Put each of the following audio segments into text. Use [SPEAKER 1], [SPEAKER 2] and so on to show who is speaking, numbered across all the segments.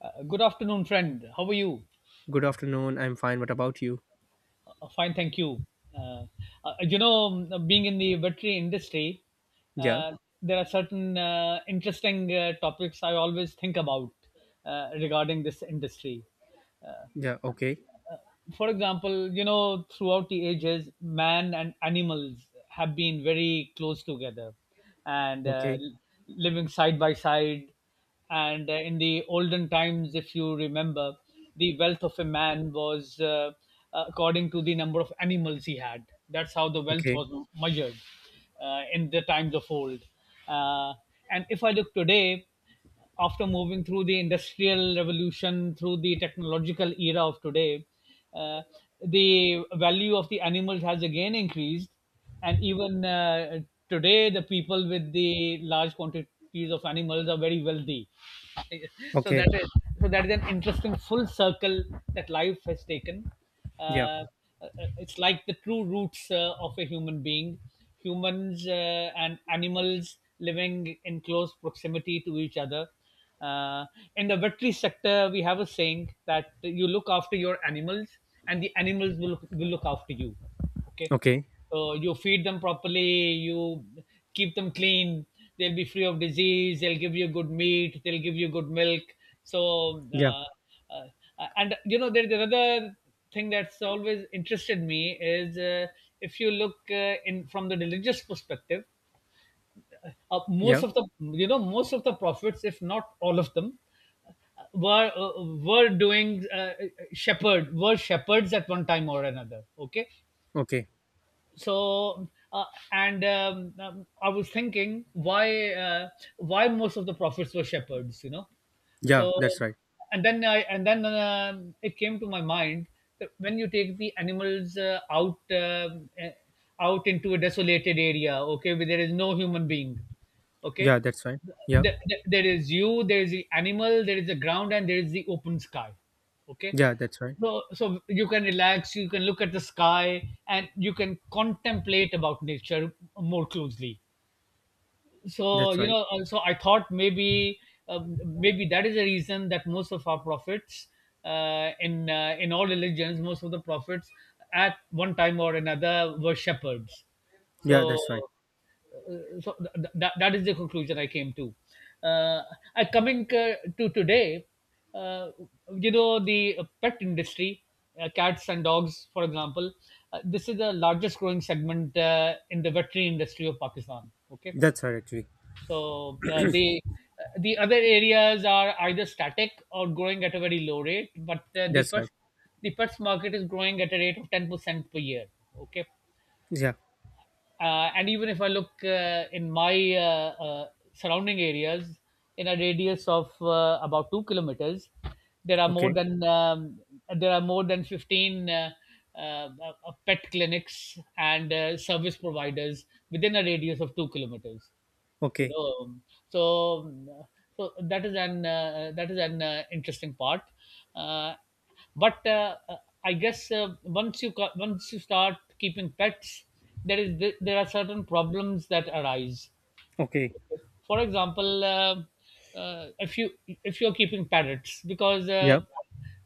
[SPEAKER 1] Good afternoon, friend. How are you?
[SPEAKER 2] Good afternoon. I'm fine. What about you?
[SPEAKER 1] Fine, thank you. Uh, Being in the veterinary industry,
[SPEAKER 2] Yeah.
[SPEAKER 1] uh, there are certain interesting topics I always think about regarding this industry.
[SPEAKER 2] Yeah. Okay.
[SPEAKER 1] For example, you know, throughout the ages, man and animals have been very close together and
[SPEAKER 2] Okay.
[SPEAKER 1] living side by side. And in the olden times, if you remember, the wealth of a man was according to the number of animals he had. That's how the wealth
[SPEAKER 2] Okay.
[SPEAKER 1] was measured in the times of old. Uh, and if I look today, after moving through the industrial revolution, through the technological era of today, uh, the value of the animals has again increased. And even today, the people with the large quantities of animals are very wealthy. so
[SPEAKER 2] Okay.
[SPEAKER 1] that is that is an interesting full circle that life has taken.
[SPEAKER 2] Yeah.
[SPEAKER 1] Uh, it's like the true roots of a human being. Humans and animals living in close proximity to each other. Uh, in the veterinary sector, we have a saying that you look after your animals, and the animals will look after you. Okay,
[SPEAKER 2] Okay.
[SPEAKER 1] you feed them properly, you keep them clean, they'll be free of disease, they'll give you good meat, they'll give you good milk. So,
[SPEAKER 2] Yeah.
[SPEAKER 1] uh, and you know, there's another thing that's always interested me is if you look in from the religious perspective, most
[SPEAKER 2] Yeah.
[SPEAKER 1] of the most of the prophets, if not all of them, were doing shepherd were shepherds at one time or another. Okay,
[SPEAKER 2] Okay.
[SPEAKER 1] so and I was thinking why most of the prophets were shepherds, you know.
[SPEAKER 2] Yeah.
[SPEAKER 1] So
[SPEAKER 2] That's right.
[SPEAKER 1] and then it came to my mind that when you take the animals out into a desolated area, okay, where there is no human being, okay.
[SPEAKER 2] Yeah. That's right. Yeah.
[SPEAKER 1] There is you, there is the animal, there is the ground, and there is the open sky. Okay,
[SPEAKER 2] Yeah. That's right.
[SPEAKER 1] so you can relax, you can look at the sky and you can contemplate about nature more closely. So
[SPEAKER 2] That's
[SPEAKER 1] you
[SPEAKER 2] right.
[SPEAKER 1] know, so I thought maybe, maybe that is the reason that most of our prophets in all religions, most of the prophets at one time or another were shepherds.
[SPEAKER 2] Yeah.
[SPEAKER 1] So
[SPEAKER 2] That's right.
[SPEAKER 1] that is the conclusion I came to. uh, I coming to today, uh, you know, the pet industry, cats and dogs for example, this is the largest growing segment in the veterinary industry of Pakistan. Okay,
[SPEAKER 2] That's right. Actually.
[SPEAKER 1] so the other areas are either static or growing at a very low rate, but
[SPEAKER 2] That's right.
[SPEAKER 1] The Perth market is growing at a rate of 10% per year. Okay,
[SPEAKER 2] Yeah.
[SPEAKER 1] and even if I look in my surrounding areas, in a radius of about 2 kilometers, there are more
[SPEAKER 2] Okay.
[SPEAKER 1] than 15 uh, pet clinics and service providers within a radius of 2 kilometers, you
[SPEAKER 2] Okay.
[SPEAKER 1] know. So um, so that is an interesting part. Uh, but I guess once you start keeping pets, there are certain problems that arise.
[SPEAKER 2] Okay.
[SPEAKER 1] Okay? For example, uh, if you if you're keeping parrots, because
[SPEAKER 2] Yeah.
[SPEAKER 1] uh,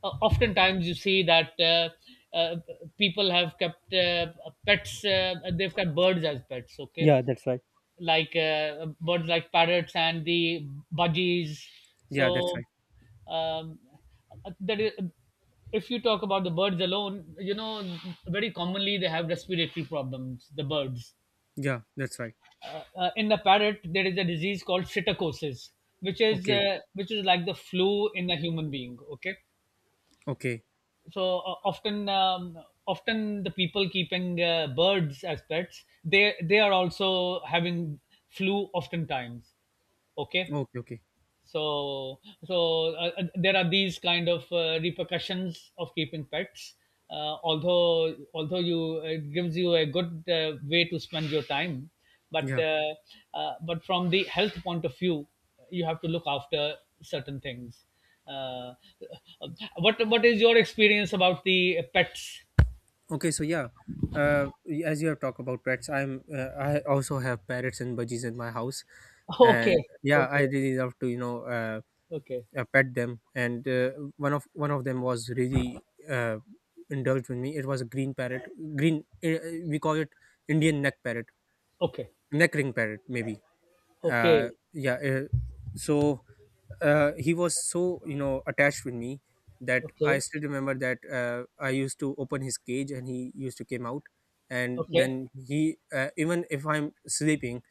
[SPEAKER 1] uh, oftentimes you see that uh, people have kept pets, they've kept birds as pets. Okay,
[SPEAKER 2] Yeah. That's right.
[SPEAKER 1] like birds like parrots and the budgies.
[SPEAKER 2] Yeah. That's
[SPEAKER 1] So,
[SPEAKER 2] right.
[SPEAKER 1] um, that is, if you talk about the birds alone, you know, very commonly they have respiratory problems. The birds,
[SPEAKER 2] Yeah. That's right.
[SPEAKER 1] in the parrot, there is a disease called psittacosis,
[SPEAKER 2] Okay.
[SPEAKER 1] which is like the flu in a human being. Okay,
[SPEAKER 2] Okay.
[SPEAKER 1] so often, often the people keeping birds as pets, they are also having flu oftentimes. Okay,
[SPEAKER 2] Okay. Okay.
[SPEAKER 1] so there are these kind of repercussions of keeping pets. Although you, it gives you a good way to spend your time, but
[SPEAKER 2] Yeah.
[SPEAKER 1] uh, but from the health point of view, you have to look after certain things. uh, what is your experience about the pets?
[SPEAKER 2] Okay, so yeah, uh, as you have talked about pets, I also have parrots and budgies in my house, and
[SPEAKER 1] Okay,
[SPEAKER 2] yeah, I
[SPEAKER 1] okay,
[SPEAKER 2] really love to
[SPEAKER 1] okay,
[SPEAKER 2] pet them. And one of them was really uh, indulged with me. It was a green parrot, green we call it Indian neck parrot,
[SPEAKER 1] okay,
[SPEAKER 2] neck ring parrot maybe uh,
[SPEAKER 1] okay,
[SPEAKER 2] yeah uh, so uh, he was so attached with me that I
[SPEAKER 1] okay,
[SPEAKER 2] still remember that I used to open his cage and he used to came out. And
[SPEAKER 1] okay,
[SPEAKER 2] then he, even if I'm sleeping,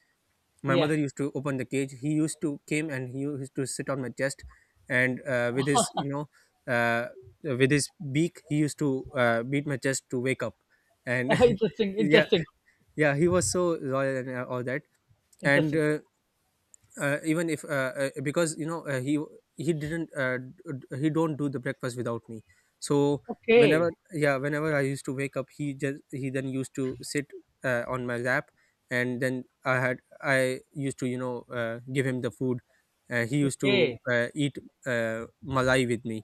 [SPEAKER 2] my
[SPEAKER 1] yeah.
[SPEAKER 2] mother used to open the cage, he used to came and he used to sit on my chest. And with his uh, with his beak he used to beat my chest to wake up. And
[SPEAKER 1] Interesting,
[SPEAKER 2] yeah
[SPEAKER 1] interesting,
[SPEAKER 2] yeah, he was so loyal and all that. And
[SPEAKER 1] interesting.
[SPEAKER 2] even if because he didn't d- d- he don't do the breakfast without me. So
[SPEAKER 1] Okay,
[SPEAKER 2] whenever, yeah, whenever I used to wake up, he then used to sit on my lap. And then I used to give him the food. He used to
[SPEAKER 1] okay,
[SPEAKER 2] eat uh, malai with me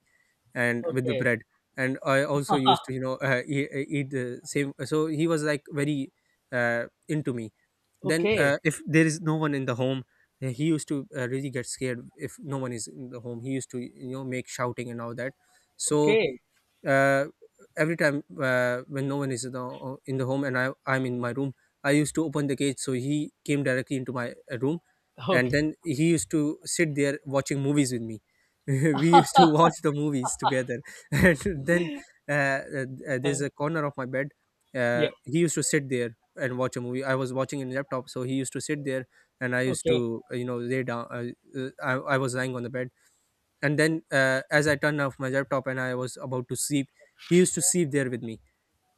[SPEAKER 2] and with the
[SPEAKER 1] okay,
[SPEAKER 2] bread. And I also
[SPEAKER 1] Haha.
[SPEAKER 2] used to eat the same, so he was like very into me. Then
[SPEAKER 1] Okay,
[SPEAKER 2] if there is no one in the home, he used to really get scared. If no one is in the home, he used to make shouting and all that. So
[SPEAKER 1] okay,
[SPEAKER 2] uh, every time when no one is in the home and I'm in my room, I used to open the cage so he came directly into my room, and
[SPEAKER 1] okay,
[SPEAKER 2] then he used to sit there watching movies with me. We used to watch the movies together, and then
[SPEAKER 1] uh,
[SPEAKER 2] there's a corner of my bed.
[SPEAKER 1] yeah,
[SPEAKER 2] He used to sit there and watch a movie. I was watching in laptop, so he used to sit there, and I used
[SPEAKER 1] okay,
[SPEAKER 2] to lay down. I was lying on the bed, and then as I turned off my laptop and I was about to sleep, he used to sleep there with me.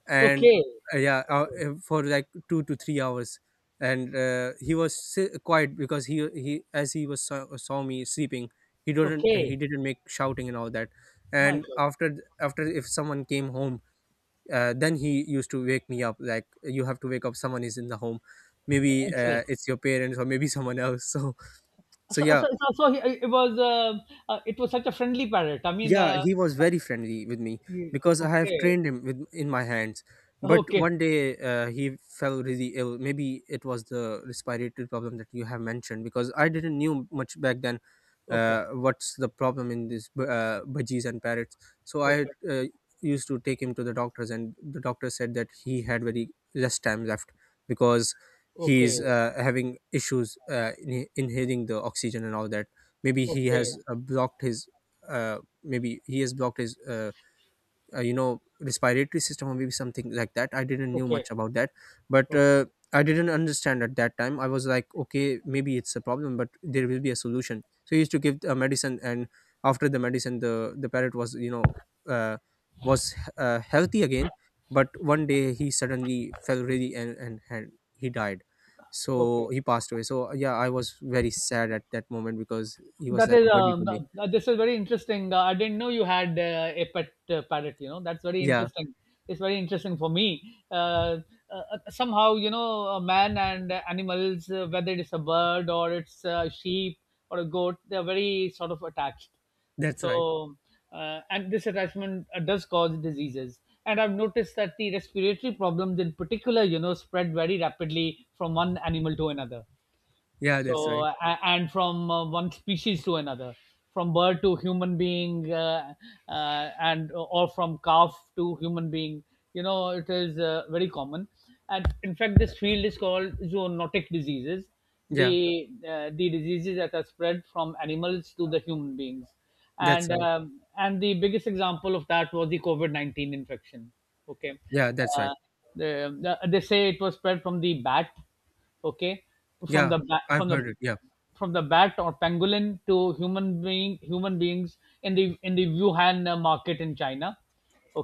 [SPEAKER 2] And
[SPEAKER 1] okay,
[SPEAKER 2] yeah for like 2 to 3 hours. And he was quiet because he as he was saw me sleeping, he didn't he
[SPEAKER 1] okay.
[SPEAKER 2] didn't make shouting and all that.
[SPEAKER 1] My
[SPEAKER 2] And
[SPEAKER 1] God,
[SPEAKER 2] after, if someone came home, then he used to wake me up, like, you have to wake up, someone is in the home, maybe
[SPEAKER 1] excellent.
[SPEAKER 2] it's your parents or maybe someone else. So
[SPEAKER 1] So,
[SPEAKER 2] yeah.
[SPEAKER 1] so, so, so he, it was uh, it was such a friendly parrot. I mean,
[SPEAKER 2] Yeah, he was very friendly with me
[SPEAKER 1] you-
[SPEAKER 2] because I have
[SPEAKER 1] okay,
[SPEAKER 2] trained him with in my hands. But
[SPEAKER 1] okay,
[SPEAKER 2] one day he fell really ill. Maybe it was the respiratory problem that you have mentioned because I didn't knew much back then.
[SPEAKER 1] okay,
[SPEAKER 2] What's the problem in this budgies and parrots? So I
[SPEAKER 1] okay,
[SPEAKER 2] used to take him to the doctors, and the doctor said that he had very less time left because he's
[SPEAKER 1] okay,
[SPEAKER 2] having issues inhaling the oxygen and all that. Maybe he
[SPEAKER 1] okay,
[SPEAKER 2] has uh, blocked his uh, Maybe he has blocked his respiratory system, or maybe something like that. I didn't knew
[SPEAKER 1] okay,
[SPEAKER 2] much about that, but
[SPEAKER 1] okay,
[SPEAKER 2] I didn't understand at that time. I was like, okay, maybe it's a problem but there will be a solution. So he used to give a medicine, and after the medicine the parrot was uh, healthy again. But one day he suddenly fell really, and he died.
[SPEAKER 1] okay.
[SPEAKER 2] So he passed away. So yeah, I was very sad at that moment because he was
[SPEAKER 1] That
[SPEAKER 2] like a
[SPEAKER 1] is,
[SPEAKER 2] buddy to me.
[SPEAKER 1] this is very interesting. I didn't know you had a pet parrot. You know, that's very
[SPEAKER 2] Yeah,
[SPEAKER 1] interesting. It's very interesting for me. Uh, Somehow you know a man and animals, whether it is a bird or it's a sheep or a goat, they are very sort of attached.
[SPEAKER 2] that's right.
[SPEAKER 1] So and this attachment does cause diseases. And I've noticed that the respiratory problems in particular, you know, spread very rapidly from one animal to another,
[SPEAKER 2] Yeah,
[SPEAKER 1] so
[SPEAKER 2] that's right.
[SPEAKER 1] and from one species to another, from bird to human being, and or from calf to human being. You know, it is very common, and in fact this field is called zoonotic diseases,
[SPEAKER 2] Yeah,
[SPEAKER 1] the diseases that are spread from animals to the human beings.
[SPEAKER 2] that's right.
[SPEAKER 1] And the biggest example of that was the covid-19 infection. Okay,
[SPEAKER 2] Yeah, that's right.
[SPEAKER 1] uh, the, they say it was spread from the bat. Okay, from
[SPEAKER 2] Yeah,
[SPEAKER 1] the ba-
[SPEAKER 2] I've heard it. Yeah,
[SPEAKER 1] from the bat or pangolin to human being human beings in the Wuhan market in China.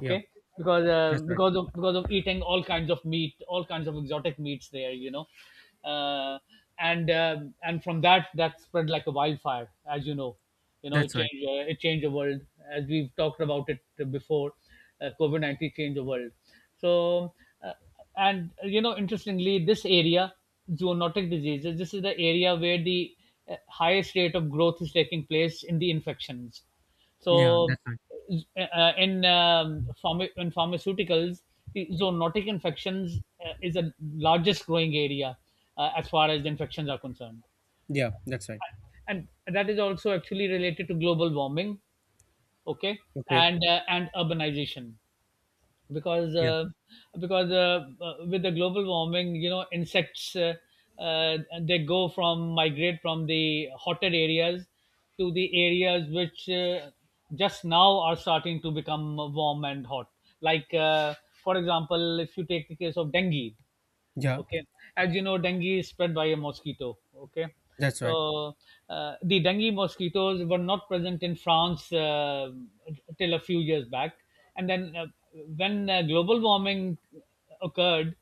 [SPEAKER 2] yeah,
[SPEAKER 1] because
[SPEAKER 2] that's right.
[SPEAKER 1] because of eating all kinds of meat, all kinds of exotic meats there, you know. uh, and uh, and from that, that spread like a wildfire, as you know. You know, it
[SPEAKER 2] That's right.
[SPEAKER 1] changed, it changed the world, as we've talked about it before. Covid-19 changed the world. So uh, and you know, interestingly, this area, zoonotic diseases, this is the area where the highest rate of growth is taking place in the infections.
[SPEAKER 2] Yeah,
[SPEAKER 1] So
[SPEAKER 2] that's right.
[SPEAKER 1] in pharmaceuticals, the zoonotic infections is the largest growing area as far as the infections are concerned.
[SPEAKER 2] Yeah, that's right.
[SPEAKER 1] And that is also actually related to global warming. Okay,
[SPEAKER 2] Okay.
[SPEAKER 1] and urbanization, because
[SPEAKER 2] Yeah,
[SPEAKER 1] with the global warming, you know, insects, they go from migrate from the hotter areas to the areas which just now are starting to become warm and hot. Like for example, if you take the case of dengue,
[SPEAKER 2] yeah,
[SPEAKER 1] okay, as you know, dengue is spread by a mosquito. Okay,
[SPEAKER 2] that's right.
[SPEAKER 1] so the dengue mosquitoes were not present in France till a few years back, and then when global warming occurred.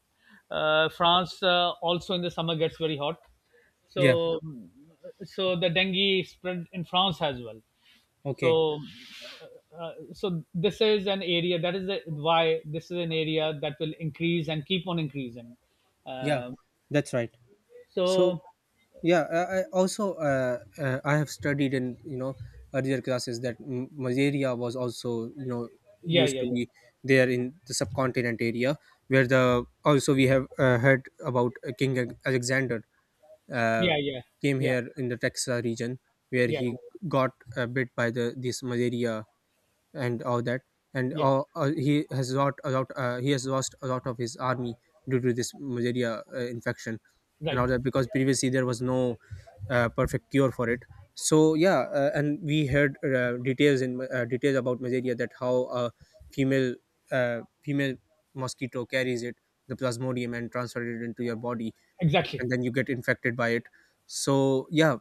[SPEAKER 1] France also in the summer gets very hot,
[SPEAKER 2] Yeah,
[SPEAKER 1] so the dengue spread in France as well. So
[SPEAKER 2] okay.
[SPEAKER 1] so this is an area that is the, why this is an area that will increase and keep on increasing.
[SPEAKER 2] Yeah,
[SPEAKER 1] um,
[SPEAKER 2] that's right. So
[SPEAKER 1] so
[SPEAKER 2] yeah, I have studied in earlier classes that malaria was also
[SPEAKER 1] yeah,
[SPEAKER 2] used
[SPEAKER 1] yeah,
[SPEAKER 2] to be there in the subcontinent area, where the also we have heard about King Alexander uh,
[SPEAKER 1] yeah, yeah,
[SPEAKER 2] came
[SPEAKER 1] yeah,
[SPEAKER 2] here in the Texas region, where
[SPEAKER 1] yeah,
[SPEAKER 2] he
[SPEAKER 1] yeah, yeah,
[SPEAKER 2] got bit by the this malaria and all that, and
[SPEAKER 1] yeah.
[SPEAKER 2] he has lost a lot of his army due to this malaria infection and all
[SPEAKER 1] Right.
[SPEAKER 2] that, because previously there was no perfect cure for it. So yeah, and we heard details in details about malaria, that how a female female mosquito carries it, the plasmodium, and transferred it into your body,
[SPEAKER 1] Exactly.
[SPEAKER 2] and then you get infected by it. So yeah,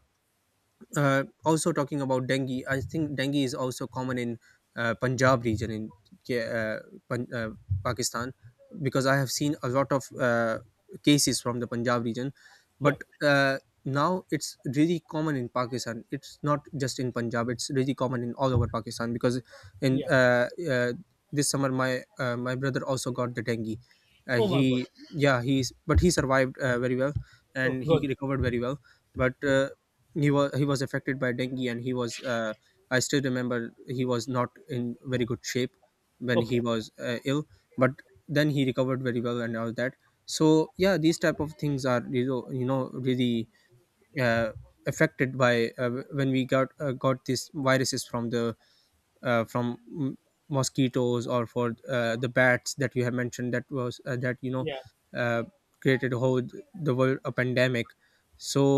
[SPEAKER 2] also talking about dengue, I think dengue is also common in punjab region in K- uh, Pan- uh, pakistan, because I have seen a lot of cases from the punjab region.
[SPEAKER 1] Yeah,
[SPEAKER 2] But now it's really common in pakistan, it's not just in punjab, it's really common in all over pakistan, because in
[SPEAKER 1] yeah.
[SPEAKER 2] uh, uh, this summer my brother also got the dengue.
[SPEAKER 1] Oh my
[SPEAKER 2] He
[SPEAKER 1] God.
[SPEAKER 2] Yeah, he's, but he survived very well,
[SPEAKER 1] Oh
[SPEAKER 2] and he
[SPEAKER 1] good.
[SPEAKER 2] recovered very well. But
[SPEAKER 1] Yeah.
[SPEAKER 2] he was affected by dengue, and he was I still remember he was not in very good shape when he
[SPEAKER 1] Okay.
[SPEAKER 2] was ill, but then he recovered very well and all that. So yeah, these type of things are really uh, affected by when we got these viruses from mosquitoes, or for the bats that you have mentioned, that was that you know
[SPEAKER 1] Yeah,
[SPEAKER 2] uh, created whole the world a pandemic.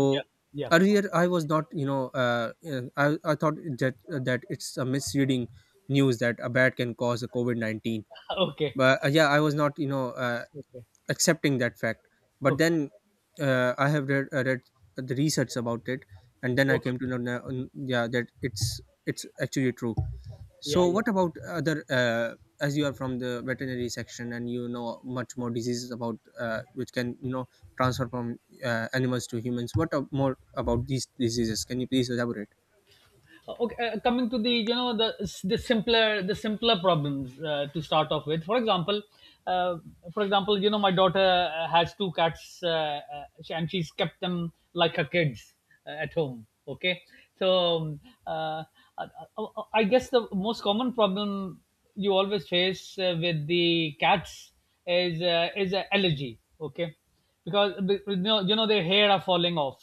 [SPEAKER 1] yeah, yeah.
[SPEAKER 2] earlier I was not I thought that that it's a misreading news that a bat can cause a COVID-19.
[SPEAKER 1] Okay,
[SPEAKER 2] But yeah, I was not
[SPEAKER 1] okay,
[SPEAKER 2] accepting that fact. But
[SPEAKER 1] okay,
[SPEAKER 2] then I have read the research about it, and then I
[SPEAKER 1] okay.
[SPEAKER 2] came to know now, yeah, that it's actually true.
[SPEAKER 1] Yeah,
[SPEAKER 2] So,
[SPEAKER 1] yeah.
[SPEAKER 2] what about other? As you are from the veterinary section and you know much more diseases about which can transfer from animals to humans. What more about these diseases? Can you please elaborate?
[SPEAKER 1] Okay, coming to the the simpler problems to start off with. For example, uh, for example, you know, my daughter has two cats, and she's kept them like her kids at home. Okay, so, uh, I, I I guess the most common problem you always face with the cats is allergy. Okay, because you know, their hair are falling off.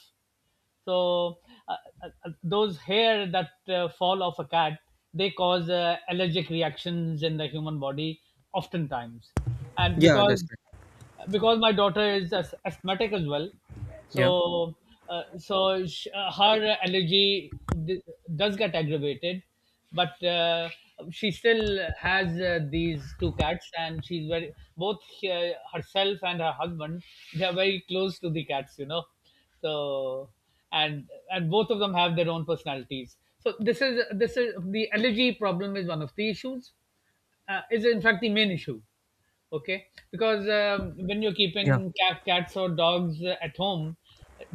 [SPEAKER 1] So uh, those hair that fall off a cat, they cause allergic reactions in the human body oftentimes, and
[SPEAKER 2] Yeah,
[SPEAKER 1] because
[SPEAKER 2] that's right.
[SPEAKER 1] my daughter is asthmatic as well,
[SPEAKER 2] Yeah,
[SPEAKER 1] so her allergy d- does get aggravated, but she still has these two cats, and she's very both, herself and her husband. They are very close to the cats, you know. So and both of them have their own personalities. So this is the allergy problem is one of the issues, is in fact the main issue. Okay, because when you're
[SPEAKER 2] yeah.
[SPEAKER 1] keeping cats or dogs at home,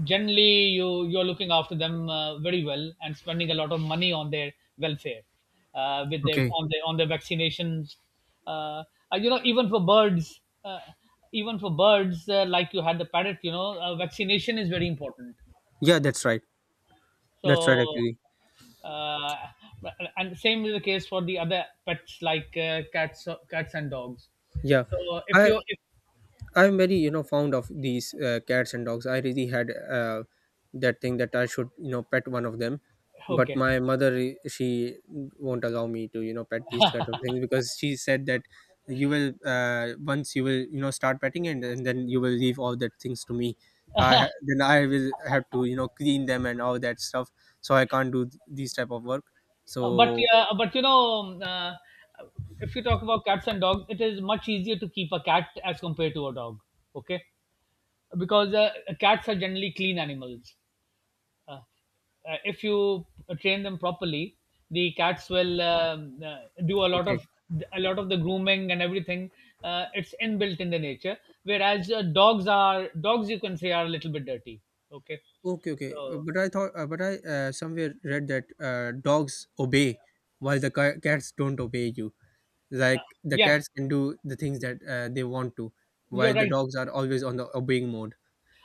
[SPEAKER 1] generally you're looking after them very well and spending a lot of money on their welfare, with their
[SPEAKER 2] Okay.
[SPEAKER 1] on their vaccinations. uh, you know, even for birds, even for birds, like you had the parrot, you know, vaccination is very important.
[SPEAKER 2] Yeah, that's right. That's right.
[SPEAKER 1] so
[SPEAKER 2] Actually,
[SPEAKER 1] uh, and same is the case for the other pets, like cats and dogs.
[SPEAKER 2] yeah.
[SPEAKER 1] So if
[SPEAKER 2] I
[SPEAKER 1] you if,
[SPEAKER 2] I'm very fond of these cats and dogs. I really had that thing that I should pet one of them, but
[SPEAKER 1] okay.
[SPEAKER 2] my mother, she won't allow me to pet these kind of things, because she said that you will once you will start petting and then you will leave all that things to me. Then I will have to clean them and all that stuff, so I can't do these type of work.
[SPEAKER 1] But
[SPEAKER 2] So
[SPEAKER 1] yeah, but you know, if you talk about cats and dogs, it is much easier to keep a cat as compared to a dog. Okay, because cats are generally clean animals. Uh, if you train them properly, the cats will do
[SPEAKER 2] okay.
[SPEAKER 1] a lot of the grooming and everything. It's inbuilt in the nature. Whereas dogs are dogs, you can say, are a little bit dirty. Okay,
[SPEAKER 2] Okay, okay.
[SPEAKER 1] so
[SPEAKER 2] But I thought, but I somewhere read that dogs obey, while the cats don't obey you.
[SPEAKER 1] uh,
[SPEAKER 2] Like the
[SPEAKER 1] yeah,
[SPEAKER 2] cats can do the things that they want to, while
[SPEAKER 1] you're
[SPEAKER 2] the
[SPEAKER 1] right.
[SPEAKER 2] dogs are always on the obeying mode.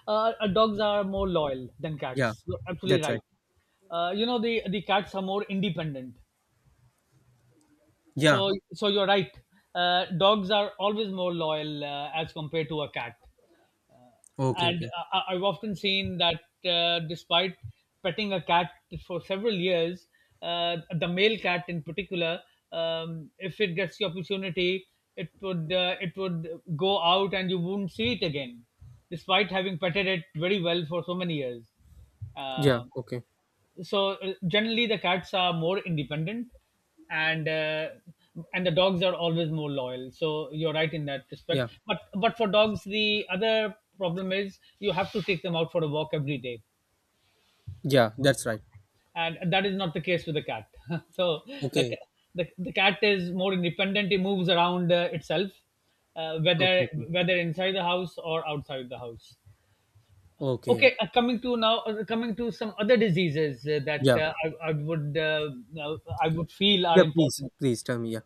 [SPEAKER 1] Dogs are more loyal than
[SPEAKER 2] Yeah,
[SPEAKER 1] cats. You're absolutely
[SPEAKER 2] that's right.
[SPEAKER 1] right. You know, the cats are more independent. So
[SPEAKER 2] Yeah.
[SPEAKER 1] so you're right. Dogs are always more loyal as compared to a cat.
[SPEAKER 2] Okay,
[SPEAKER 1] And
[SPEAKER 2] okay.
[SPEAKER 1] I've often seen that despite petting a cat for several years, the male cat in particular, if it gets the opportunity, it would go out and you wouldn't see it again, despite having petted it very well for so many years.
[SPEAKER 2] Yeah,
[SPEAKER 1] Um
[SPEAKER 2] okay.
[SPEAKER 1] so generally the cats are more independent, and and the dogs are always more loyal, so you're right in that respect.
[SPEAKER 2] Yeah,
[SPEAKER 1] But for dogs, the other problem is you have to take them out for a walk every day,
[SPEAKER 2] yeah, that's right.
[SPEAKER 1] and that is not the case with the cat so the,
[SPEAKER 2] Okay,
[SPEAKER 1] ca- the cat is more independent. It moves around itself,
[SPEAKER 2] okay,
[SPEAKER 1] whether
[SPEAKER 2] okay.
[SPEAKER 1] whether inside the house or outside the house.
[SPEAKER 2] Okay.
[SPEAKER 1] Okay, coming to now, coming to some other diseases that
[SPEAKER 2] Yeah.
[SPEAKER 1] uh, I would feel are
[SPEAKER 2] Yeah, please,
[SPEAKER 1] important.
[SPEAKER 2] please tell me. Yeah.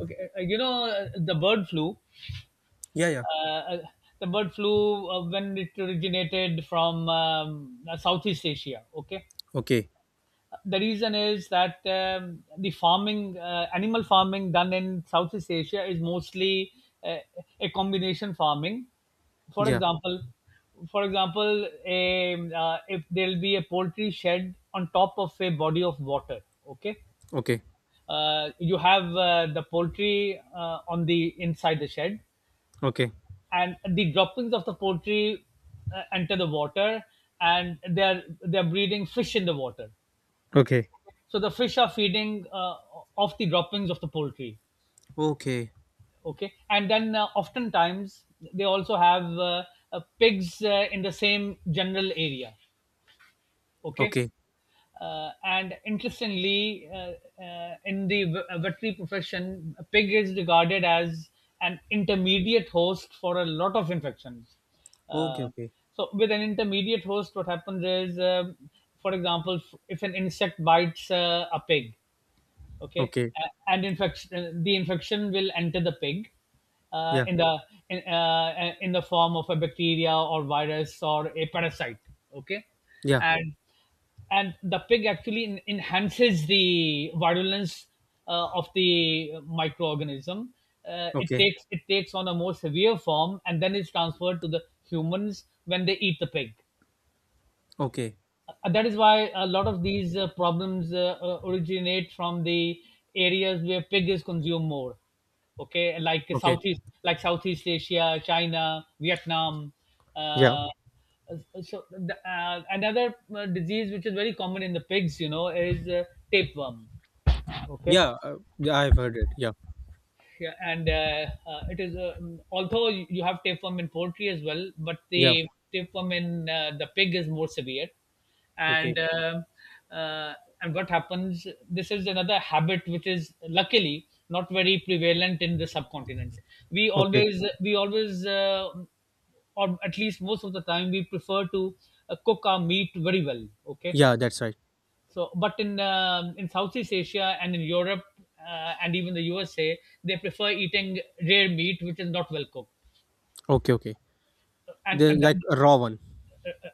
[SPEAKER 1] Okay, you know, the bird flu.
[SPEAKER 2] Yeah, yeah.
[SPEAKER 1] Uh, the bird flu, when it originated from Southeast Asia. Okay,
[SPEAKER 2] Okay.
[SPEAKER 1] the reason is that the farming, animal farming done in Southeast Asia is mostly uh, a combination farming. for
[SPEAKER 2] Yeah.
[SPEAKER 1] example for example, if there'll be a poultry shed on top of a body of water. Okay,
[SPEAKER 2] Okay.
[SPEAKER 1] you have the poultry on the inside the shed,
[SPEAKER 2] Okay.
[SPEAKER 1] and the droppings of the poultry enter the water, and they're breeding fish in the water.
[SPEAKER 2] Okay.
[SPEAKER 1] So the fish are feeding off the droppings of the poultry.
[SPEAKER 2] Okay.
[SPEAKER 1] Okay, and then oftentimes they also have pigs in the same general area. Okay,
[SPEAKER 2] Okay.
[SPEAKER 1] and interestingly, in the veterinary profession, a pig is regarded as an intermediate host for a lot of infections.
[SPEAKER 2] Okay.
[SPEAKER 1] uh,
[SPEAKER 2] Okay.
[SPEAKER 1] so with an intermediate host, what happens is, for example, if an insect bites a pig. Okay,
[SPEAKER 2] Okay.
[SPEAKER 1] and infection the infection will enter the pig uh,
[SPEAKER 2] Yeah.
[SPEAKER 1] in the in the form of a bacteria or virus or a parasite. Okay,
[SPEAKER 2] Yeah.
[SPEAKER 1] and and the pig actually enhances the virulence of the microorganism. It
[SPEAKER 2] Okay,
[SPEAKER 1] takes it takes on a more severe form, and then it's transferred to the humans when they eat the pig.
[SPEAKER 2] okay,
[SPEAKER 1] That is why a lot of these problems originate from the areas where pig is consumed more. Okay, like
[SPEAKER 2] okay.
[SPEAKER 1] southeast like Southeast Asia, China, Vietnam. uh,
[SPEAKER 2] Yeah,
[SPEAKER 1] uh, so the, another disease which is very common in the pigs, you know, is tapeworm. Okay,
[SPEAKER 2] yeah, yeah, I've heard it. Yeah,
[SPEAKER 1] yeah, and it is although you have tapeworm in poultry as well, but
[SPEAKER 2] yeah,
[SPEAKER 1] the tapeworm in the pig is more severe,
[SPEAKER 2] okay,
[SPEAKER 1] and uh, uh, and what happens? This is another habit which is luckily not very prevalent in the subcontinent.
[SPEAKER 2] okay.
[SPEAKER 1] We always or at least most of the time we prefer to cook our meat very well. Okay,
[SPEAKER 2] Yeah, that's right.
[SPEAKER 1] so, but in Southeast Asia and in Europe and even the USA, they prefer eating rare meat, which is not well cooked,
[SPEAKER 2] Okay, okay. The
[SPEAKER 1] and that,
[SPEAKER 2] like a raw one.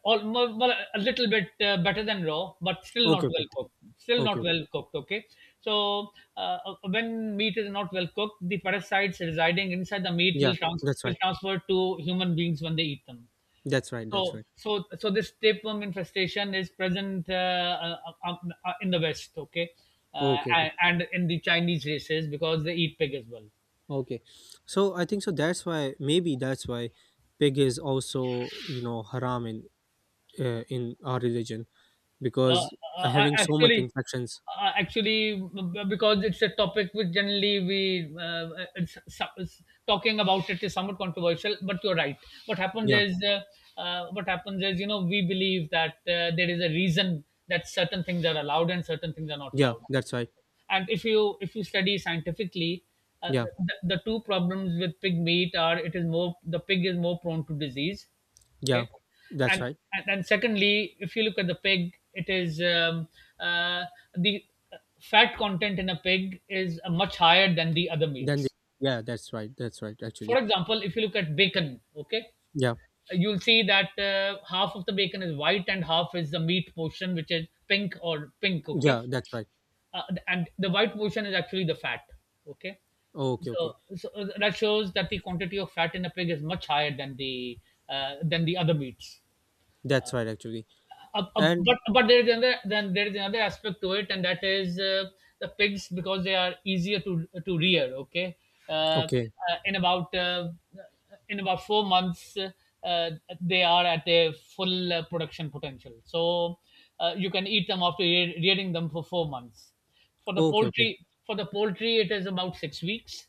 [SPEAKER 1] all, mo- well, well, a little bit better than raw, but still
[SPEAKER 2] Okay,
[SPEAKER 1] not
[SPEAKER 2] okay,
[SPEAKER 1] well cooked. Still
[SPEAKER 2] okay,
[SPEAKER 1] not
[SPEAKER 2] okay.
[SPEAKER 1] well cooked. Okay, so when meat is not well cooked, the parasites residing inside the meat
[SPEAKER 2] Yeah, that's
[SPEAKER 1] will
[SPEAKER 2] right.
[SPEAKER 1] transfer to human beings when they eat them.
[SPEAKER 2] That's right. That's right.
[SPEAKER 1] So this tapeworm infestation is present uh, in the West, okay,
[SPEAKER 2] Okay, okay,
[SPEAKER 1] and in the Chinese races, because they eat pig as well.
[SPEAKER 2] okay. So I think so. That's why maybe that's why pig is also haram in in our religion,
[SPEAKER 1] Uh,
[SPEAKER 2] because having so much
[SPEAKER 1] Actually,
[SPEAKER 2] infections.
[SPEAKER 1] actually, because it's a topic which generally we uh, it's, it's, talking about it is somewhat controversial. But you're right. What happens
[SPEAKER 2] Yeah,
[SPEAKER 1] is, uh, what happens is, you know, we believe that there is a reason that certain things are allowed and certain things are not
[SPEAKER 2] yeah,
[SPEAKER 1] allowed.
[SPEAKER 2] that's right.
[SPEAKER 1] And if you study scientifically, uh,
[SPEAKER 2] Yeah,
[SPEAKER 1] the two problems with pig meat are, it is more, the pig is more prone to disease.
[SPEAKER 2] yeah,
[SPEAKER 1] Okay,
[SPEAKER 2] that's
[SPEAKER 1] and
[SPEAKER 2] right.
[SPEAKER 1] and secondly, if you look at the pig, it is uh, the fat content in a pig is much higher than the other
[SPEAKER 2] Then they,
[SPEAKER 1] meats.
[SPEAKER 2] yeah, that's right. That's right.
[SPEAKER 1] For
[SPEAKER 2] Actually.
[SPEAKER 1] example, if you look at bacon. Okay,
[SPEAKER 2] Yeah.
[SPEAKER 1] you'll see that half of the bacon is white and half is the meat portion, which is pink or pink. Okay,
[SPEAKER 2] Yeah, that's right.
[SPEAKER 1] and the white portion is actually the fat. Okay,
[SPEAKER 2] Okay, okay.
[SPEAKER 1] so that shows that the quantity of fat in a pig is much higher than the other meats.
[SPEAKER 2] That's right actually. And
[SPEAKER 1] But there is another, then there is another aspect to it, and that is the pigs, because they are easier to rear. Okay, uh, uh,
[SPEAKER 2] okay.
[SPEAKER 1] in about uh, in about four months, uh, they are at their full production potential. So you can eat them after rearing them for four months.
[SPEAKER 2] Okay, okay.
[SPEAKER 1] For the poultry, it is about six weeks.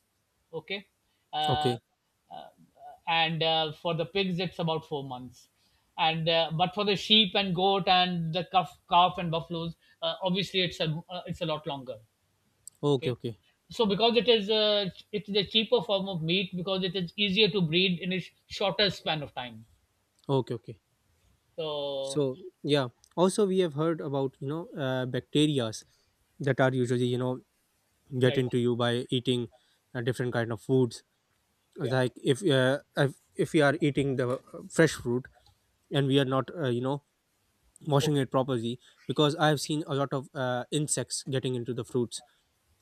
[SPEAKER 1] Okay. Uh,
[SPEAKER 2] Okay.
[SPEAKER 1] uh, and for the pigs it's about four months, and but for the sheep and goat and the calf, calf and buffaloes, obviously it's a lot longer.
[SPEAKER 2] Okay,
[SPEAKER 1] Okay,
[SPEAKER 2] okay.
[SPEAKER 1] so because it is it's the cheaper form of meat, because it is easier to breed in a shorter span of time.
[SPEAKER 2] Okay, okay.
[SPEAKER 1] So
[SPEAKER 2] So, yeah. Also we have heard about, bacterias that are usually, get
[SPEAKER 1] right,
[SPEAKER 2] into you by eating different kind of foods.
[SPEAKER 1] yeah.
[SPEAKER 2] Like if we are eating the fresh fruit and we are not, washing
[SPEAKER 1] Okay,
[SPEAKER 2] it properly because I have seen a lot of insects getting into the fruits,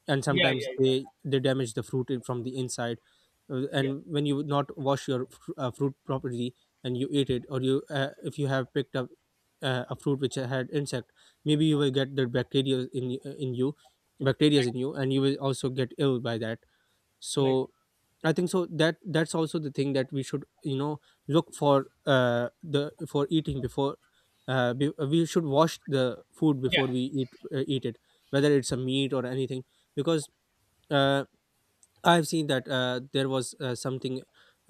[SPEAKER 2] and
[SPEAKER 1] yeah,
[SPEAKER 2] sometimes
[SPEAKER 1] yeah, yeah,
[SPEAKER 2] they damage the fruit from the inside. Uh,
[SPEAKER 1] yeah.
[SPEAKER 2] and when you not wash your fruit properly and you eat it, or you if you have picked up a fruit which had insect, maybe you will get the bacteria in you, bacteria in you, and you will also get ill by that.
[SPEAKER 1] Right, right,
[SPEAKER 2] So I think so that's also the thing that we should, you know, look for the for eating before, we should wash the food
[SPEAKER 1] yeah,
[SPEAKER 2] before we eat it, whether it's a meat or anything. Because uh I've seen that there was something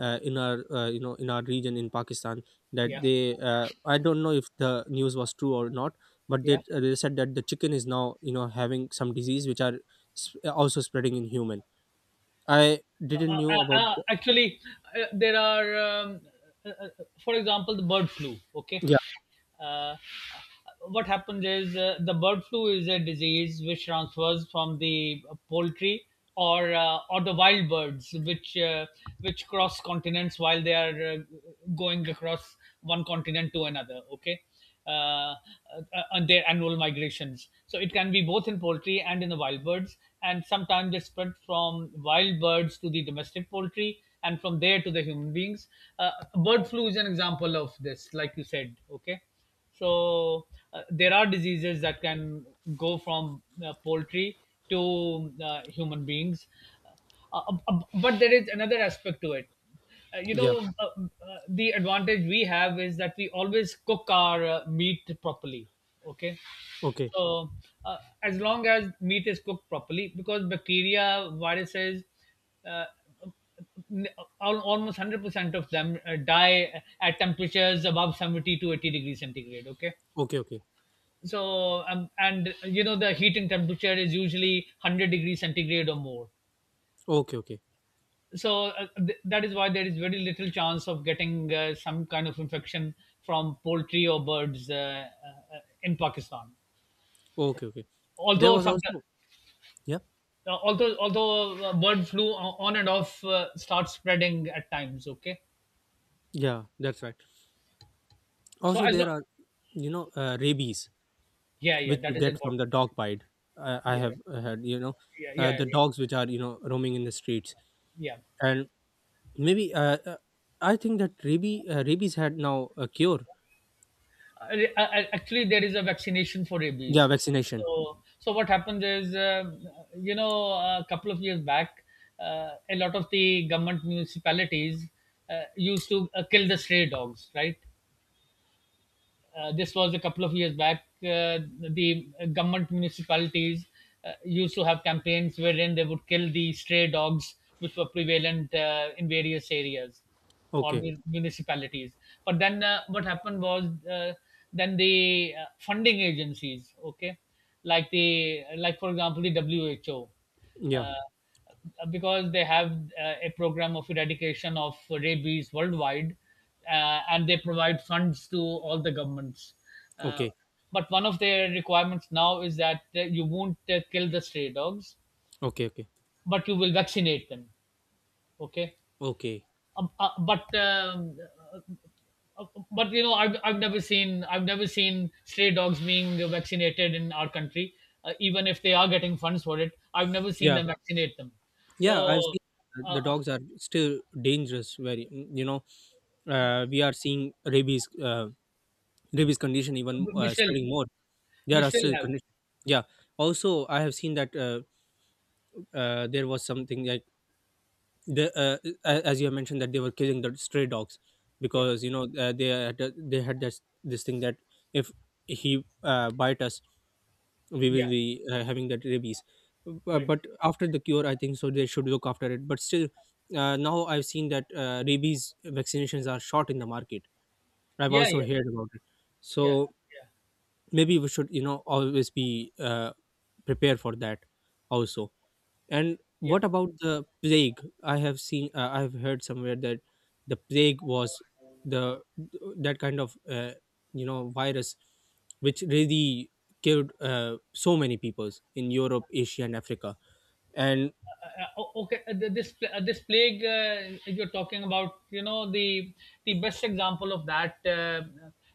[SPEAKER 2] in our in our region in Pakistan, that
[SPEAKER 1] yeah,
[SPEAKER 2] they I don't know if the news was true or not, but they,
[SPEAKER 1] yeah.
[SPEAKER 2] they said that the chicken is now, you know, having some disease which are also spreading in human. I didn't knew about the.
[SPEAKER 1] Actually, there are, uh, uh, for example, the bird flu. Okay,
[SPEAKER 2] Yeah,
[SPEAKER 1] uh, what happens is, the bird flu is a disease which transfers from the poultry, or the wild birds which cross continents while they are going across one continent to another. Okay, on their annual migrations. So it can be both in poultry and in the wild birds, and sometimes they spread from wild birds to the domestic poultry, and from there to the human beings. Bird flu is an example of this, like you said. Okay, so there are diseases that can go from poultry to human beings. But there is another aspect to it. You
[SPEAKER 2] yeah.
[SPEAKER 1] know, the advantage we have is that we always cook our meat properly. Okay,
[SPEAKER 2] Okay,
[SPEAKER 1] so as long as meat is cooked properly, because bacteria, viruses, uh, almost 100% of them die at temperatures above 70 to 80 degrees centigrade. Okay.
[SPEAKER 2] okay, okay,
[SPEAKER 1] So and you know the heat and temperature is usually 100 degrees centigrade or more.
[SPEAKER 2] okay. Okay,
[SPEAKER 1] So that is why there is very little chance of getting some kind of infection from poultry or birds in Pakistan.
[SPEAKER 2] okay, okay. There
[SPEAKER 1] Although
[SPEAKER 2] was
[SPEAKER 1] some,
[SPEAKER 2] also, yeah,
[SPEAKER 1] although although bird flu on and off starts spreading at times. Okay,
[SPEAKER 2] yeah, that's right.
[SPEAKER 1] so
[SPEAKER 2] Also
[SPEAKER 1] as
[SPEAKER 2] there
[SPEAKER 1] lo-
[SPEAKER 2] are, you know, rabies,
[SPEAKER 1] yeah, yeah,
[SPEAKER 2] which you
[SPEAKER 1] that is
[SPEAKER 2] get from the
[SPEAKER 1] important.
[SPEAKER 2] dog bite. I have
[SPEAKER 1] Yeah,
[SPEAKER 2] had, you know,
[SPEAKER 1] yeah, yeah,
[SPEAKER 2] the
[SPEAKER 1] yeah.
[SPEAKER 2] dogs which are, you know, roaming in the streets,
[SPEAKER 1] Yeah.
[SPEAKER 2] and maybe I think that rabies had now a cure.
[SPEAKER 1] Uh, Actually, there is a vaccination for
[SPEAKER 2] Yeah,
[SPEAKER 1] rabies.
[SPEAKER 2] vaccination.
[SPEAKER 1] So, so what happens is, you know, a couple of years back, a lot of the government municipalities used to kill the stray dogs, right? This was a couple of years back. The government municipalities used to have campaigns wherein they would kill the stray dogs which were prevalent in various areas or
[SPEAKER 2] Okay,
[SPEAKER 1] municipalities. But then what happened was, then the funding agencies, okay, like for example the WHO,
[SPEAKER 2] yeah.
[SPEAKER 1] uh, because they have a program of eradication of rabies worldwide, and they provide funds to all the governments. Uh,
[SPEAKER 2] Okay,
[SPEAKER 1] but one of their requirements now is that you won't kill the stray dogs,
[SPEAKER 2] okay, okay,
[SPEAKER 1] but you will vaccinate them. Okay.
[SPEAKER 2] okay,
[SPEAKER 1] Um, uh, but um, uh, uh, but you know I've never seen stray dogs being vaccinated in our country, even if they are getting funds for it. I've never seen
[SPEAKER 2] yeah.
[SPEAKER 1] them vaccinate them.
[SPEAKER 2] Yeah,
[SPEAKER 1] so
[SPEAKER 2] I've seen
[SPEAKER 1] uh,
[SPEAKER 2] the
[SPEAKER 1] uh,
[SPEAKER 2] dogs are still dangerous. Very, you know, we are seeing rabies condition even
[SPEAKER 1] we still
[SPEAKER 2] spreading more. There
[SPEAKER 1] we
[SPEAKER 2] are
[SPEAKER 1] still
[SPEAKER 2] still
[SPEAKER 1] have.
[SPEAKER 2] conditions. Yeah. Also, I have seen that there was something like the as you have mentioned, that they were killing the stray dogs,
[SPEAKER 1] Yeah,
[SPEAKER 2] because, you know, they had, they had this thing that if he bite us, we
[SPEAKER 1] yeah.
[SPEAKER 2] will be having that rabies. but,
[SPEAKER 1] Right.
[SPEAKER 2] but after the cure, I think so they should look after it, but still now I've seen that rabies vaccinations are short in the market. I've
[SPEAKER 1] Yeah,
[SPEAKER 2] also
[SPEAKER 1] yeah,
[SPEAKER 2] heard about it.
[SPEAKER 1] yeah,
[SPEAKER 2] So
[SPEAKER 1] yeah,
[SPEAKER 2] maybe we should, you know, always be prepared for that also. And
[SPEAKER 1] yeah.
[SPEAKER 2] what about the plague? I have seen, I have heard somewhere that the plague was the, that kind of virus which really killed so many peoples in Europe, Asia, and Africa. And
[SPEAKER 1] Okay, this this plague you're talking about, you know, the best example of that,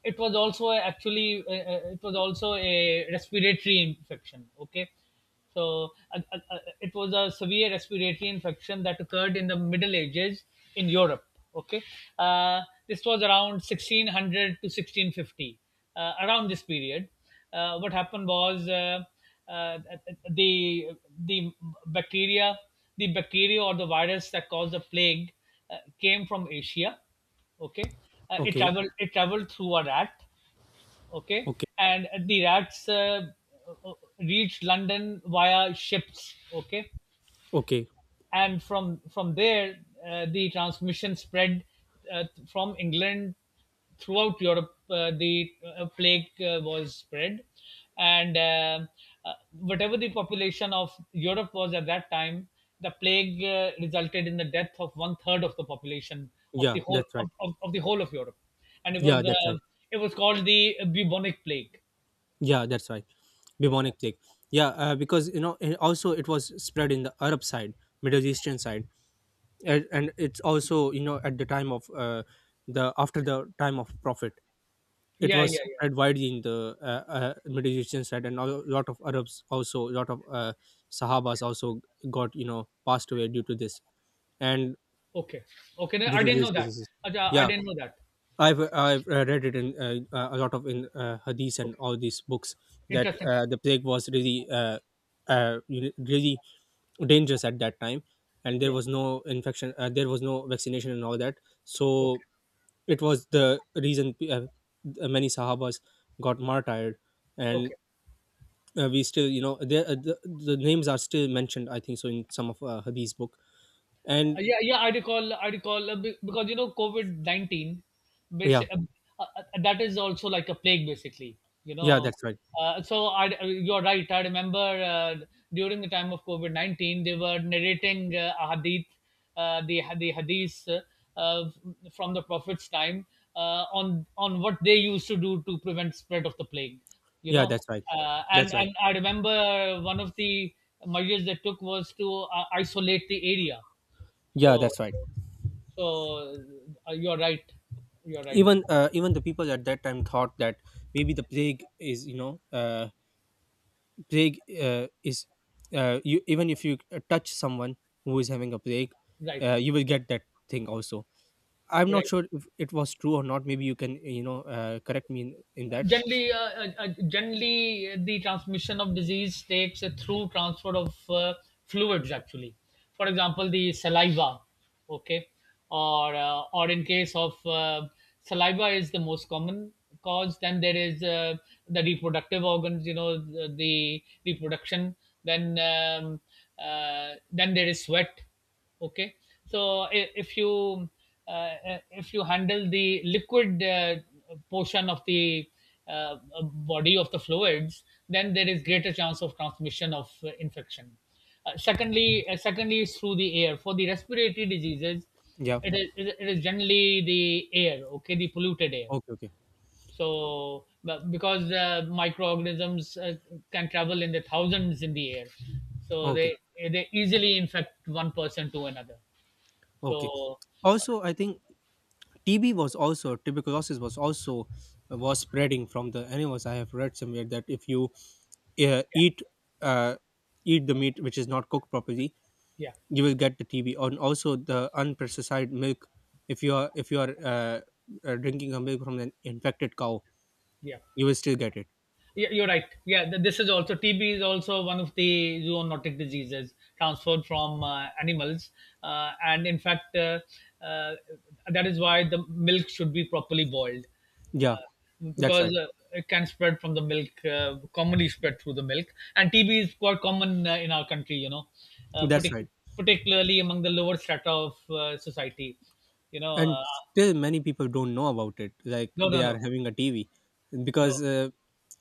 [SPEAKER 1] it was also actually, it was also a respiratory infection. Okay, so it was a severe respiratory infection that occurred in the middle ages in Europe. Okay. uh, this was around 1600 to 1650, around this period. What happened was, uh, the the bacteria, the bacteria or the virus that caused the plague, came from Asia. Okay. It
[SPEAKER 2] okay,
[SPEAKER 1] traveled, it traveled through a rat. Okay.
[SPEAKER 2] okay,
[SPEAKER 1] And the rats, uh, reached London via ships. Okay.
[SPEAKER 2] okay,
[SPEAKER 1] And from there the transmission spread, from England throughout Europe. The plague was spread, and whatever the population of Europe was at that time, the plague resulted in the death of one third of the population of
[SPEAKER 2] yeah,
[SPEAKER 1] the whole
[SPEAKER 2] that's right.
[SPEAKER 1] of, the whole of Europe. And
[SPEAKER 2] Yeah, that's right.
[SPEAKER 1] it was called the bubonic plague.
[SPEAKER 2] Yeah, that's right.
[SPEAKER 1] Yeah,
[SPEAKER 2] Bubonic plague. Yeah, because, you know, and also it was spread in the Arab side, Middle Eastern side, and it's also, you know, at the time of the after the time of Prophet, it
[SPEAKER 1] yeah, yeah,
[SPEAKER 2] was
[SPEAKER 1] yeah.
[SPEAKER 2] spread widely in the Middle Eastern side, and a lot of Arabs also, a lot of Sahabas also got, you know, passed away due to this, and
[SPEAKER 1] Okay, okay. No,
[SPEAKER 2] due
[SPEAKER 1] I
[SPEAKER 2] to
[SPEAKER 1] didn't
[SPEAKER 2] these
[SPEAKER 1] know that.
[SPEAKER 2] diseases.
[SPEAKER 1] Acha, I
[SPEAKER 2] Yeah,
[SPEAKER 1] didn't know that.
[SPEAKER 2] I've read it in a lot of in hadiths and
[SPEAKER 1] Okay,
[SPEAKER 2] all these books, that
[SPEAKER 1] interesting.
[SPEAKER 2] the plague was really, you know, really dangerous at that time, and there
[SPEAKER 1] Yeah.
[SPEAKER 2] was no infection, there was no vaccination and all that. So
[SPEAKER 1] Okay.
[SPEAKER 2] it was the reason many Sahabas got martyred, and
[SPEAKER 1] Okay.
[SPEAKER 2] we still, you know, the names are still mentioned, I think so, in some of hadith's book. And
[SPEAKER 1] Yeah, yeah, I recall, I recall, because you know COVID-19,
[SPEAKER 2] yeah,
[SPEAKER 1] basic, uh, uh, that is also like a plague basically, you
[SPEAKER 2] yeah,
[SPEAKER 1] know.
[SPEAKER 2] that's right.
[SPEAKER 1] So you're right. I remember, during the time of COVID-19, they were narrating a hadith, the hadith uh, from the Prophet's time, on what they used to do to prevent spread of the plague, you
[SPEAKER 2] Yeah,
[SPEAKER 1] know.
[SPEAKER 2] that's right.
[SPEAKER 1] And
[SPEAKER 2] That's right.
[SPEAKER 1] and I remember one of the measures they took was to isolate the area.
[SPEAKER 2] Yeah,
[SPEAKER 1] so
[SPEAKER 2] that's right.
[SPEAKER 1] so uh, you're right. You're right.
[SPEAKER 2] Even even the people at that time thought that maybe the plague is, you know, plague is, you, even if you touch someone who is having a plague,
[SPEAKER 1] Right.
[SPEAKER 2] you will get that thing also. I'm not
[SPEAKER 1] Right.
[SPEAKER 2] sure if it was true or not. Maybe you can, you know, correct me in that.
[SPEAKER 1] Generally, generally, the transmission of disease takes through transfer of fluids. Actually, for example, the saliva. Okay, or or in case of saliva is the most common cause. Then there is the reproductive organs. You know, the reproduction. Then um, then there is sweat. Okay, so if you, uh, if you handle the liquid portion of the uh, body, of the fluids, then there is greater chance of transmission of infection. Secondly, secondly is through the air, for the respiratory diseases.
[SPEAKER 2] Yeah.
[SPEAKER 1] It is it is generally the air. Okay, the polluted air.
[SPEAKER 2] Okay, okay,
[SPEAKER 1] So, but because microorganisms can travel in the thousands in the air, so
[SPEAKER 2] okay,
[SPEAKER 1] they easily infect one person to another.
[SPEAKER 2] okay.
[SPEAKER 1] So,
[SPEAKER 2] Also, I think TB was also, tuberculosis was also was spreading from the animals. I have read somewhere that if you
[SPEAKER 1] yeah,
[SPEAKER 2] eat uh, eat the meat which is not cooked properly,
[SPEAKER 1] yeah,
[SPEAKER 2] you will get the TB. And also the unpesticide milk, if you are drinking a milk from an infected cow,
[SPEAKER 1] yeah.
[SPEAKER 2] you will still get it.
[SPEAKER 1] Yeah, you're right. Yeah, this is also, TB is also one of the zoonotic diseases transferred from animals, and in fact, uh, that is why the milk should be properly boiled.
[SPEAKER 2] Yeah,
[SPEAKER 1] Uh,
[SPEAKER 2] that's right.
[SPEAKER 1] because it can spread from the milk, commonly spread through the milk, and TB is quite common in our country. You know, uh,
[SPEAKER 2] That's right.
[SPEAKER 1] partic- particularly among the lower strata of society. You know.
[SPEAKER 2] And still many people don't know about it, like
[SPEAKER 1] No,
[SPEAKER 2] they
[SPEAKER 1] no, no,
[SPEAKER 2] are having a tv
[SPEAKER 1] no.
[SPEAKER 2] because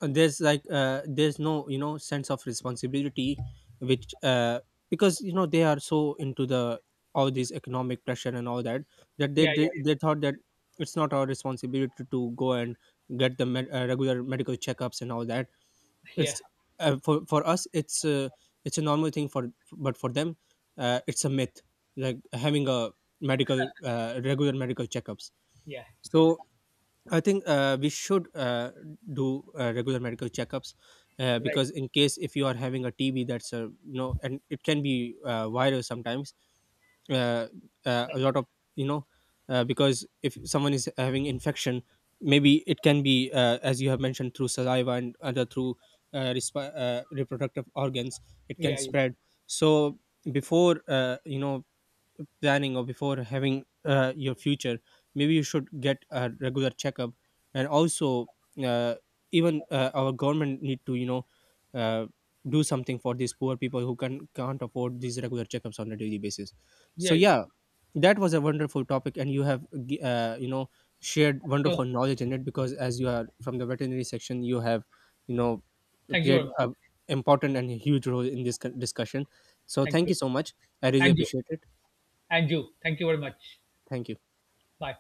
[SPEAKER 2] there's like there's no, you know, sense of responsibility which because, you know, they are so into the all these economic pressure and all that, that
[SPEAKER 1] Yeah, yeah,
[SPEAKER 2] they thought that it's not our responsibility to go and get the regular medical checkups and all that.
[SPEAKER 1] yeah, yeah.
[SPEAKER 2] It's for us it's a normal thing for, but for them it's a myth, like having a medical regular medical checkups.
[SPEAKER 1] Yeah, yeah,
[SPEAKER 2] So I think we should do regular medical checkups,
[SPEAKER 1] right.
[SPEAKER 2] because in case if you are having a TB, that's a, you know, and it can be viral sometimes. uh, a lot of, you know, because if someone is having infection, maybe it can be as you have mentioned, through saliva and other through reproductive organs, it can
[SPEAKER 1] Yeah, yeah,
[SPEAKER 2] spread. So before you know, planning, or before having your future, maybe you should get a regular checkup. And also uh, even our government need to, you know, uh, do something for these poor people who can't afford these regular checkups on a daily basis. So
[SPEAKER 1] yeah, yeah.
[SPEAKER 2] yeah, that was a wonderful topic, and you have you know, shared
[SPEAKER 1] So,
[SPEAKER 2] wonderful knowledge in it, because as you are from the veterinary section, you have, you know,
[SPEAKER 1] thank you
[SPEAKER 2] played
[SPEAKER 1] very much.
[SPEAKER 2] a important and huge role in this discussion. So
[SPEAKER 1] Thank
[SPEAKER 2] thank
[SPEAKER 1] you,
[SPEAKER 2] you so much. I really
[SPEAKER 1] and you,
[SPEAKER 2] appreciate it.
[SPEAKER 1] and you. Thank you very much.
[SPEAKER 2] Thank you.
[SPEAKER 1] Bye.